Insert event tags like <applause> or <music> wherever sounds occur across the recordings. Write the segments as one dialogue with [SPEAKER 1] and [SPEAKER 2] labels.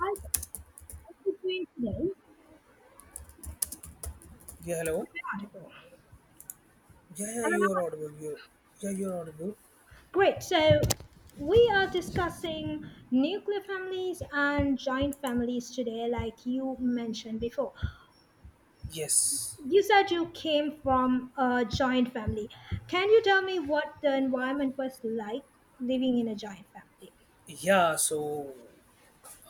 [SPEAKER 1] Hi there. How are you doing today?
[SPEAKER 2] Yeah, hello.
[SPEAKER 1] Article.
[SPEAKER 2] Yeah, yeah,
[SPEAKER 1] Hello.
[SPEAKER 2] you are audible.
[SPEAKER 1] Article.
[SPEAKER 2] Yeah, you're audible.
[SPEAKER 1] Great. So we are discussing nuclear families and giant families today, like you mentioned before.
[SPEAKER 2] Yes.
[SPEAKER 1] You said you came from a giant family. Can you tell me what the environment was like living in a giant family?
[SPEAKER 2] Yeah. So,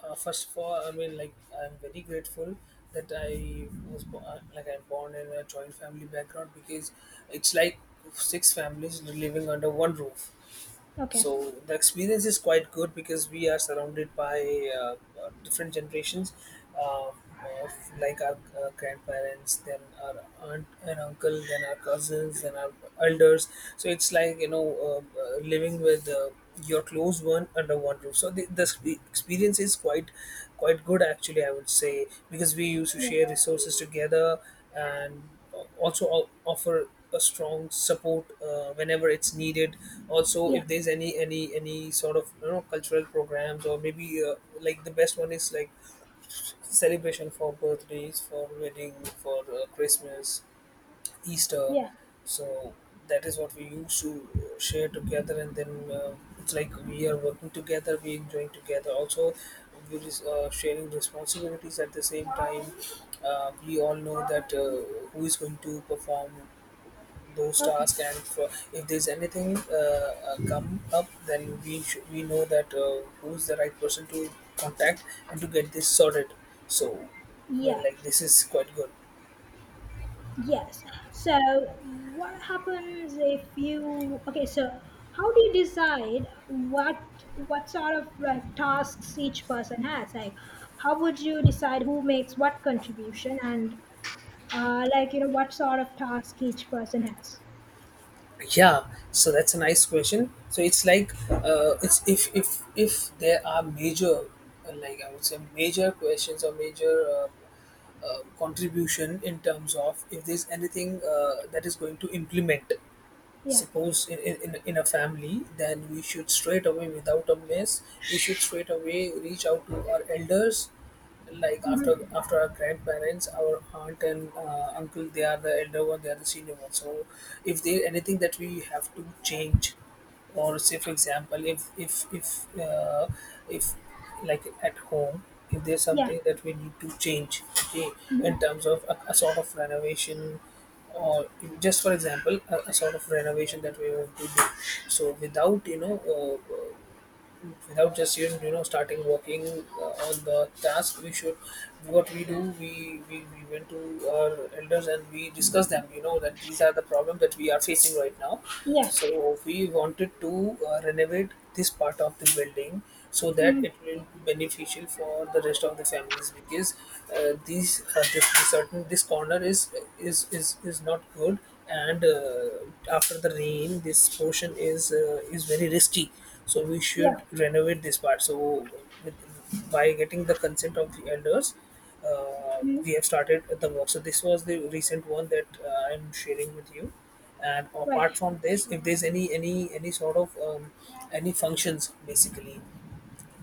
[SPEAKER 2] first of all, I mean, like, I'm very grateful that like I'm born in a joint family background because it's like six families living under one roof,
[SPEAKER 1] Okay.
[SPEAKER 2] so the experience is quite good because we are surrounded by different generations uh, of like our grandparents, then our aunt and uncle, then our cousins, then our elders. So it's like, living with your close one under one roof, so the experience is quite good, actually, I would say, because we used to
[SPEAKER 1] Yeah.
[SPEAKER 2] share resources together and also offer a strong support whenever it's needed. Also,
[SPEAKER 1] Yeah.
[SPEAKER 2] if there's any sort of, cultural programs, or maybe like the best one is like celebration for birthdays, for wedding, for Christmas, Easter.
[SPEAKER 1] Yeah.
[SPEAKER 2] So that is what we used to share together. And then it's like we are working together, we enjoying together, also we're sharing responsibilities at the same time. We all know that, who is going to perform those tasks.
[SPEAKER 1] Okay.
[SPEAKER 2] And if there's anything, come up, then we know that, who's the right person to contact and to get this sorted. So I mean,
[SPEAKER 1] Yeah,
[SPEAKER 2] like,
[SPEAKER 1] sure.
[SPEAKER 2] this is quite good.
[SPEAKER 1] Yes. So, what happens if you okay? So, how do you decide what sort of like tasks each person has? Like, how would you decide who makes what contribution and like you know what sort of task each person has?
[SPEAKER 2] Yeah, so that's a nice question. So it's like, it's, if there are major, like, I would say, major questions or major, contribution in terms of, if there's anything that is going to implement,
[SPEAKER 1] Yeah.
[SPEAKER 2] suppose in a family, then we should straight away, without a mess, we should straight away reach out to our elders, like after
[SPEAKER 1] Hmm.
[SPEAKER 2] after our grandparents, our aunt and uncle, they are the elder one, they are the senior one. So if there anything that we have to change, or say, for example, if if, like, at home, if there's
[SPEAKER 1] Yeah.
[SPEAKER 2] something that we need to change, okay, in
[SPEAKER 1] Hmm.
[SPEAKER 2] terms of a sort of renovation, or just, for example, a sort of renovation that we want to do. So without, without just, starting working on the task, we should, what we do, we went to our elders and we discussed them, that these are the problem that we are facing right now.
[SPEAKER 1] Yeah.
[SPEAKER 2] So we wanted to renovate this part of the building so that
[SPEAKER 1] Hmm.
[SPEAKER 2] it will be beneficial for the rest of the families, because these, this certain, this corner is, is not good. And after the rain, this portion is, is very risky, so we
[SPEAKER 1] Yeah.
[SPEAKER 2] should renovate this part. So with, by getting the consent of the elders,
[SPEAKER 1] Hmm.
[SPEAKER 2] we have started the work. So this was the recent one that I'm sharing with you. And
[SPEAKER 1] Right.
[SPEAKER 2] apart from this, if there's any sort of any functions, basically,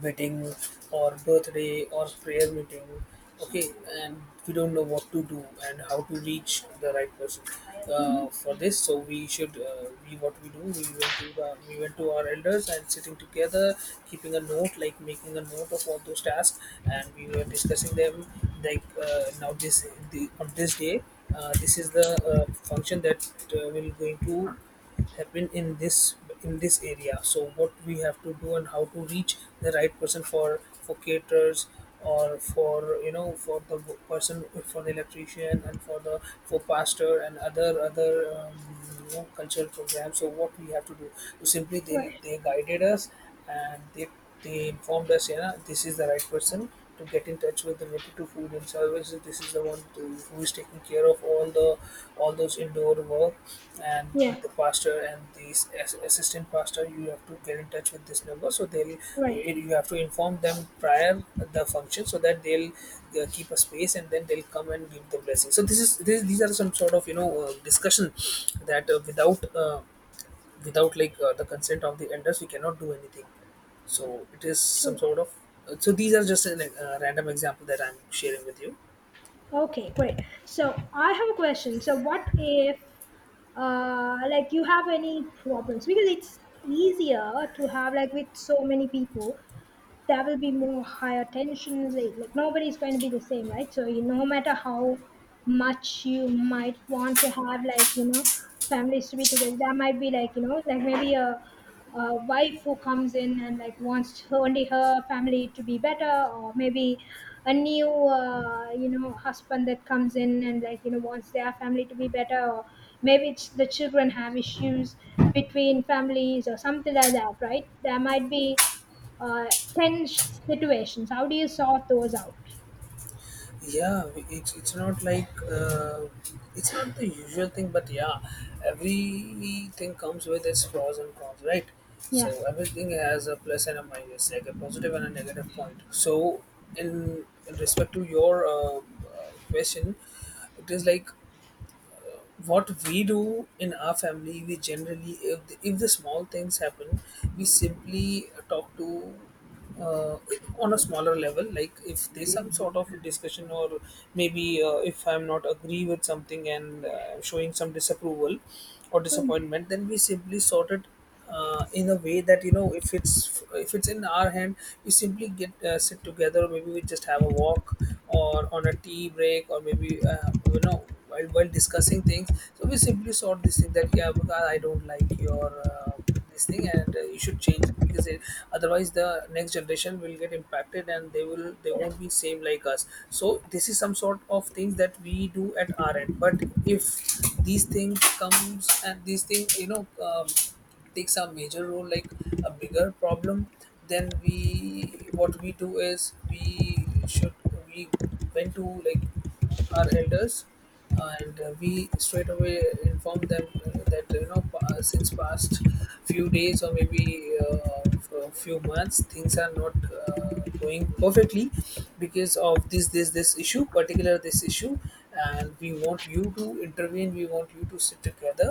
[SPEAKER 2] wedding, or birthday, or prayer meeting, okay, and we don't know what to do and how to reach the right person
[SPEAKER 1] Hmm.
[SPEAKER 2] for this. So we should, we, what we do, we went to our elders and sitting together, keeping a note, like making a note of all those tasks, and we were discussing them. Like, now on this day, this is the function that will going to happen in this area. So what we have to do and how to reach the right person, for caterers, or for, for the person for the electrician, and for the for pastor, and other um, cultural programs. So what we have to do, so simply they
[SPEAKER 1] Right.
[SPEAKER 2] they guided us, and they informed us, this is the right person to get in touch with related to food and services. This is the one who is taking care of all those indoor work. And
[SPEAKER 1] Yeah.
[SPEAKER 2] the pastor and the assistant pastor, you have to get in touch with this number. So they'll you
[SPEAKER 1] Right.
[SPEAKER 2] you have to inform them prior the function, so that they'll keep a space and then they'll come and give the blessing. So these are some sort of, discussion that without, the consent of the elders, we cannot do anything. So it is some
[SPEAKER 1] Sure.
[SPEAKER 2] sort of, so these are just an random example that I'm sharing with you.
[SPEAKER 1] Okay, great. So I have a question. So what if, like you have any problems? Because it's easier to have like with so many people, there will be more higher tensions like nobody's going to be the same, right? So you, no matter how much you might want to have like you know families to be together, there might be like you know like maybe a wife who comes in and like wants her, only her family to be better, or maybe a new you know husband that comes in and like you know wants their family to be better, or maybe it's the children have issues between families or something like that, right? There might be uh, tense situations. How do you sort those out?
[SPEAKER 2] Yeah, it's not like, it's not the usual thing, but yeah, everything comes with its pros and cons, right? So
[SPEAKER 1] Yeah,
[SPEAKER 2] everything has a plus and a minus, like a positive and a negative point. So in respect to your, question, it is like, what we do in our family, we generally, if the small things happen, we simply talk to, uh, on a smaller level. Like, if there's some sort of discussion, or maybe if I'm not agree with something, and I'm showing some disapproval or disappointment, then we simply sort it in a way that, if it's in our hand, we simply get, sit together, maybe we just have a walk or on a tea break, or maybe while discussing things. So we simply sort this thing that, yeah, because I don't like your this thing, and you should change it, because otherwise the next generation will get impacted and they won't be same like us. So this is some sort of things that we do at our end. But if these things comes, and these things, takes a major role, like a bigger problem, then we what we do is, we went to, like, our elders, and we straight away informed them that, since past few days, or maybe for a few months, things are not going perfectly because of this issue, particular this issue, and we want you to intervene, we want you to sit together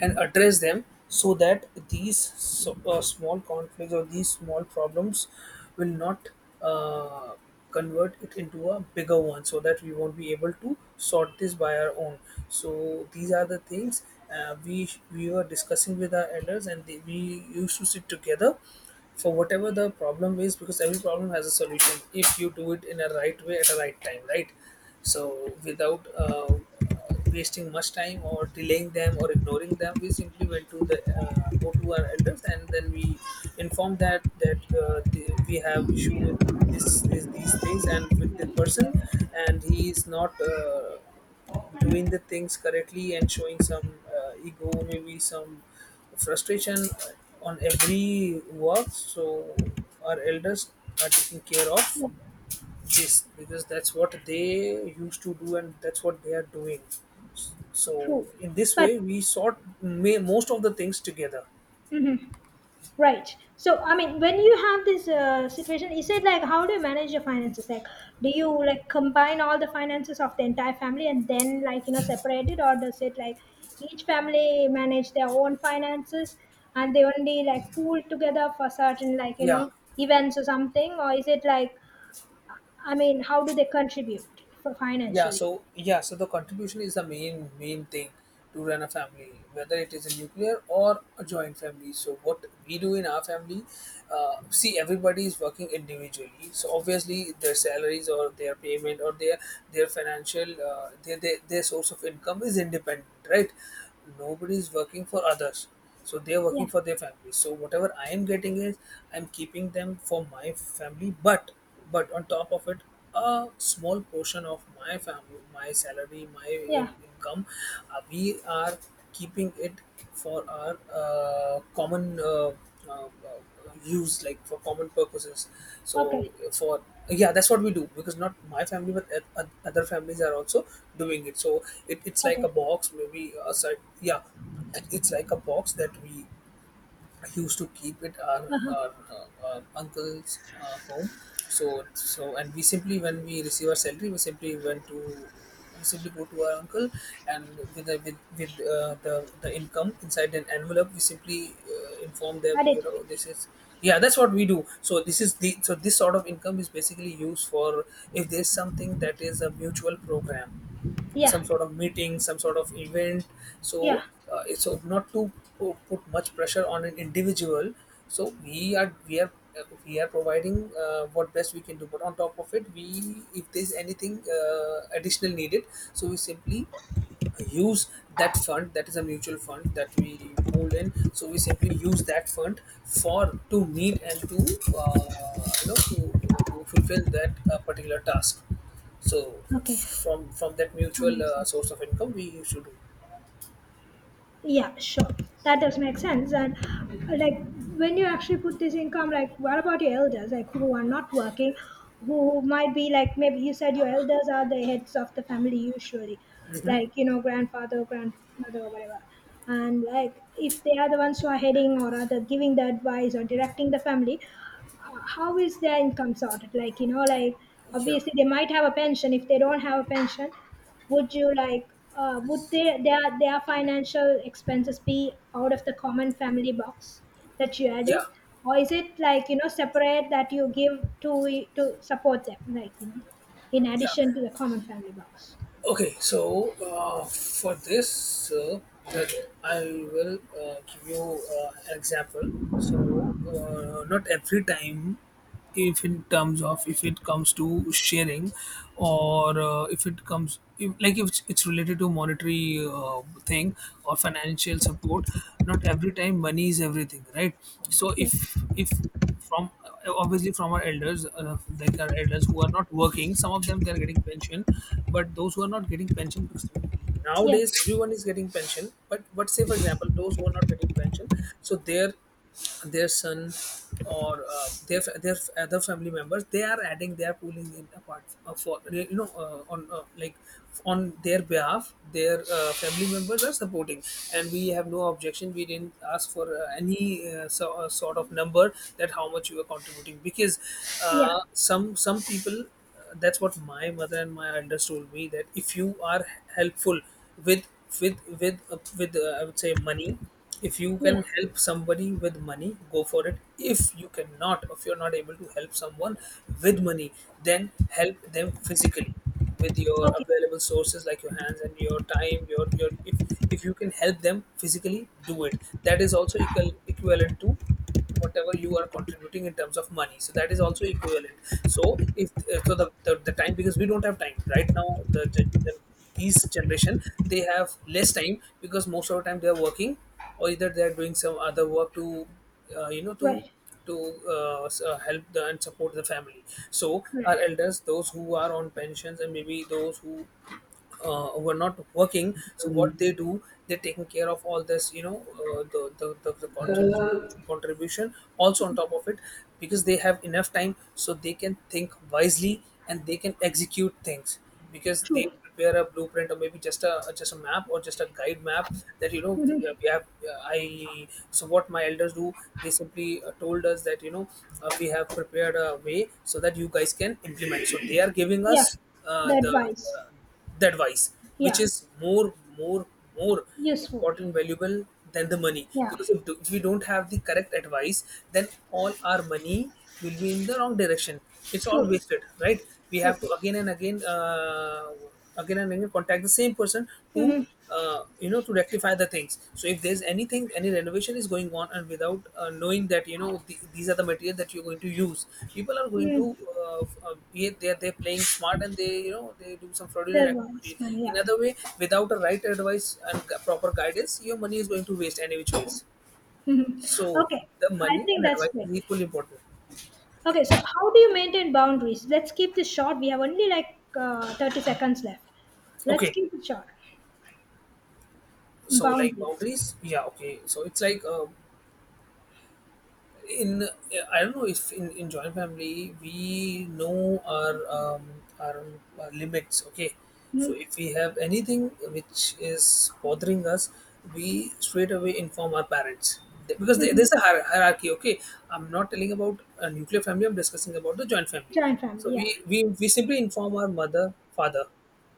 [SPEAKER 2] and address them, so that, these so, small conflicts, or these small problems will not uh, convert it into a bigger one, so that we won't be able to sort this by our own. So these are the things we were discussing with our elders, and we used to sit together, for whatever the problem is, because every problem has a solution if you do it in a right way at a right time, right? So without wasting much time or delaying them or ignoring them, we simply went to the go to our elders, and then we informed that, we have issue with this, this these things, and with the person, and he is not doing the things correctly, and showing some ego, maybe some frustration on every work. So our elders are taking care of.
[SPEAKER 1] yeah,
[SPEAKER 2] Yes, because that's what they used to do, and that's what they are doing. So
[SPEAKER 1] true.
[SPEAKER 2] in this
[SPEAKER 1] But
[SPEAKER 2] way, we sort most of the things together.
[SPEAKER 1] mhm, right. So I mean, when you have this situation, you said like, how do you manage your finances? Like, do you like combine all the finances of the entire family and then like you know separate it, or does it like each family manage their own finances and they only like pool together for certain like you
[SPEAKER 2] Yeah,
[SPEAKER 1] know events or something, or is it like I mean, how do they contribute for financially?
[SPEAKER 2] so the contribution is the main thing to run a family, whether it is a nuclear or a joint family. So what we do in our family, see, everybody is working individually, so obviously their salaries, or their payment, or their financial, their source of income is independent, right? Nobody is working for others, so they are working
[SPEAKER 1] Yeah.
[SPEAKER 2] for their family. So whatever I am getting is, I'm keeping them for my family. But on top of it, a small portion of my family, my salary, my
[SPEAKER 1] Yeah.
[SPEAKER 2] income, we are keeping it for our common, uh, use, like for common purposes.
[SPEAKER 1] Okay.
[SPEAKER 2] So for yeah, that's what we do, because not my family, but other families are also doing it. So it's like a
[SPEAKER 1] Okay.
[SPEAKER 2] box, maybe yeah, it's like a box that we used to keep it, our,
[SPEAKER 1] Uh-huh.
[SPEAKER 2] our, uh, our uncle's home. So and we simply when we receive our salary, we simply went to we simply go to our uncle, and with the income inside an envelope, we simply inform them,
[SPEAKER 1] Add
[SPEAKER 2] you
[SPEAKER 1] it.
[SPEAKER 2] know, this is, yeah, that's what we do. So this is the so this sort of income is basically used for, if there's something that is a mutual program,
[SPEAKER 1] Yeah.
[SPEAKER 2] some sort of meeting, some sort of event. So,
[SPEAKER 1] Yeah.
[SPEAKER 2] so not to put much pressure on an individual. So we are providing, what best we can do. But on top of it, we if there's anything additional needed, so we simply use that fund that is a mutual fund that we pool in, so we simply use that fund for to meet and to you know to fulfill that particular task, so
[SPEAKER 1] Okay.
[SPEAKER 2] from that
[SPEAKER 1] That
[SPEAKER 2] mutual
[SPEAKER 1] makes sense.
[SPEAKER 2] source of income, we used to do.
[SPEAKER 1] Yeah, sure. That does make sense. And like when you actually put this income, like what about your elders, like who are not working, who might be like maybe you said your elders are the heads of the family usually,
[SPEAKER 2] Hmm.
[SPEAKER 1] like you know grandfather, grandmother, or whatever. And like if they are the ones who are heading or are the giving the advice or directing the family, how is their income sorted? Like you know, like
[SPEAKER 2] Yeah,
[SPEAKER 1] obviously they might have a pension. If they don't have a pension, would you like would they, their financial expenses be out of the common family box that you
[SPEAKER 2] yeah,
[SPEAKER 1] added, or is it like you know separate that you give to support them like you know in addition
[SPEAKER 2] yeah.
[SPEAKER 1] to the common family box?
[SPEAKER 2] Okay, so for this, that I will give you an example. So not every time, if in terms of if it comes to sharing, or if it comes if, like if it's related to monetary thing or financial support, not every time money is everything, right? So
[SPEAKER 1] Yeah,
[SPEAKER 2] if from obviously from our elders, like our elders who are not working, some of them they are getting pension, but those who are not getting pension, because
[SPEAKER 1] yeah,
[SPEAKER 2] nowadays everyone is getting pension, but say for example those who are not getting pension, so their son, or their other family members, they are adding, they are pooling in apart, for, on, like on their behalf their family members are supporting, and we have no objection, we didn't ask for any, so, sort of number that how much you are contributing, because
[SPEAKER 1] yeah,
[SPEAKER 2] some people, that's what my mother and my elders told me, that if you are helpful with with with I would say, money. If you
[SPEAKER 1] yeah.
[SPEAKER 2] can help somebody with money, go for it. If you cannot, if you're not able to help someone with money, then help them physically with your
[SPEAKER 1] Okay.
[SPEAKER 2] available sources, like your hands and your time, your if you can help them physically, do it. That is also equal equivalent to whatever you are contributing in terms of money, so that is also equivalent. So if, so the time, because we don't have time right now, these generation, they have less time, because most of the time they are working, or either they are doing some other work to uh, you know to
[SPEAKER 1] Right,
[SPEAKER 2] to help, and support the family. So our
[SPEAKER 1] right.
[SPEAKER 2] elders, those who are on pensions, and maybe those who are not working, so what
[SPEAKER 1] Um,
[SPEAKER 2] they do, they're taking care of all this, the
[SPEAKER 1] uh,
[SPEAKER 2] contribution, also on top of it, because they have enough time, so they can think wisely and they can execute things, because they
[SPEAKER 1] True.
[SPEAKER 2] prepare a blueprint, or maybe just a, map, or just a guide map, that, we have I so what my elders do. They simply told us that, we have prepared a way so that you guys can implement. So they are giving
[SPEAKER 1] Yeah,
[SPEAKER 2] us uh,
[SPEAKER 1] the
[SPEAKER 2] the,
[SPEAKER 1] advice,
[SPEAKER 2] the the advice, which
[SPEAKER 1] yeah.
[SPEAKER 2] is more more more
[SPEAKER 1] Useful.
[SPEAKER 2] important, valuable than the money,
[SPEAKER 1] Yeah,
[SPEAKER 2] because if we don't have the correct advice, then all our money will be in the wrong direction, it's all
[SPEAKER 1] true,
[SPEAKER 2] wasted, right? We
[SPEAKER 1] true.
[SPEAKER 2] have to again and again contact the same person to
[SPEAKER 1] Mm-hmm.
[SPEAKER 2] to rectify the things. So if there's anything, any renovation is going on, and without knowing that, these are the material that you're going to use, people are going to
[SPEAKER 1] Mm.
[SPEAKER 2] yeah, they're playing smart, and they you know they do some
[SPEAKER 1] The
[SPEAKER 2] fraudulent
[SPEAKER 1] advice,
[SPEAKER 2] activity
[SPEAKER 1] man,
[SPEAKER 2] in
[SPEAKER 1] yeah.
[SPEAKER 2] other way. Without a right advice and proper guidance, your money is going to waste any which ways.
[SPEAKER 1] <laughs> Mhm.
[SPEAKER 2] So
[SPEAKER 1] Okay,
[SPEAKER 2] the
[SPEAKER 1] I
[SPEAKER 2] money and
[SPEAKER 1] think that's
[SPEAKER 2] advice
[SPEAKER 1] great.
[SPEAKER 2] is equally important.
[SPEAKER 1] Okay, so how do you maintain boundaries? Let's keep this short. We have only like 30 seconds left. Let's
[SPEAKER 2] Okay,
[SPEAKER 1] keep it short.
[SPEAKER 2] so, like,
[SPEAKER 1] Boundaries.
[SPEAKER 2] boundaries. Yeah, okay, so it's like, in I don't know, if in joint family we know our, our, our limits. Okay, so
[SPEAKER 1] Mm-hmm.
[SPEAKER 2] if we have anything which is bothering us, we straight away inform our parents. Because there's a hierarchy. Okay, I'm not telling about a nuclear family, I'm discussing about the joint
[SPEAKER 1] <laughs>
[SPEAKER 2] family.
[SPEAKER 1] Joint
[SPEAKER 2] So
[SPEAKER 1] family,
[SPEAKER 2] we
[SPEAKER 1] yeah.
[SPEAKER 2] we, we simply inform our mother, father,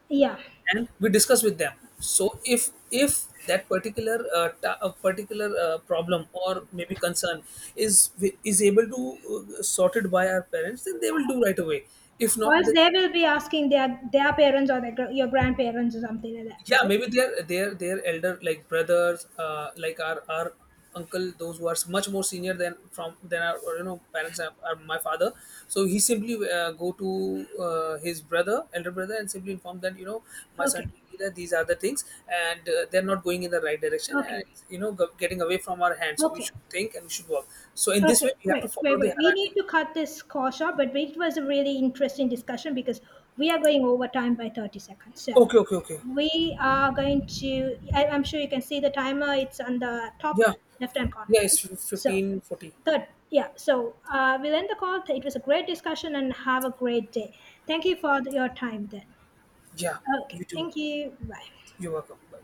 [SPEAKER 1] Yeah.
[SPEAKER 2] and we discuss with them. So if that particular problem, or maybe concern, is is able to sorted by our parents, then they will do right away. If
[SPEAKER 1] Or
[SPEAKER 2] not,
[SPEAKER 1] else
[SPEAKER 2] then,
[SPEAKER 1] they will be asking their parents or their, gr- your grandparents or something like that,
[SPEAKER 2] yeah,
[SPEAKER 1] is it?
[SPEAKER 2] maybe their, elder, like, brothers, like our uncle, those who are much more senior than from than our, parents are, my father. So he simply go to his brother elder brother and simply inform that, my son
[SPEAKER 1] Okay,
[SPEAKER 2] told me that these are the things, and they're not going in the right direction, and
[SPEAKER 1] okay,
[SPEAKER 2] it's, getting away from our hands, so we
[SPEAKER 1] okay.
[SPEAKER 2] should think and we should work. So in this way
[SPEAKER 1] Okay,
[SPEAKER 2] we have to
[SPEAKER 1] great.
[SPEAKER 2] follow
[SPEAKER 1] Wait,
[SPEAKER 2] the
[SPEAKER 1] wait. We
[SPEAKER 2] hierarchy.
[SPEAKER 1] need to cut this call short, but it was a really interesting discussion because we are going over time by 30 seconds. So
[SPEAKER 2] Okay, okay, okay.
[SPEAKER 1] we are going to, I'm sure you can see the timer. It's on the
[SPEAKER 2] Yeah,
[SPEAKER 1] top left hand corner,
[SPEAKER 2] yeah, it's
[SPEAKER 1] right? So,
[SPEAKER 2] 15:40.
[SPEAKER 1] good. Yeah. So we'll end the call. It was a great discussion and have a great day. Thank you for your time then.
[SPEAKER 2] Yeah,
[SPEAKER 1] Okay.
[SPEAKER 2] you too.
[SPEAKER 1] Thank you. Bye.
[SPEAKER 2] You're welcome. Bye.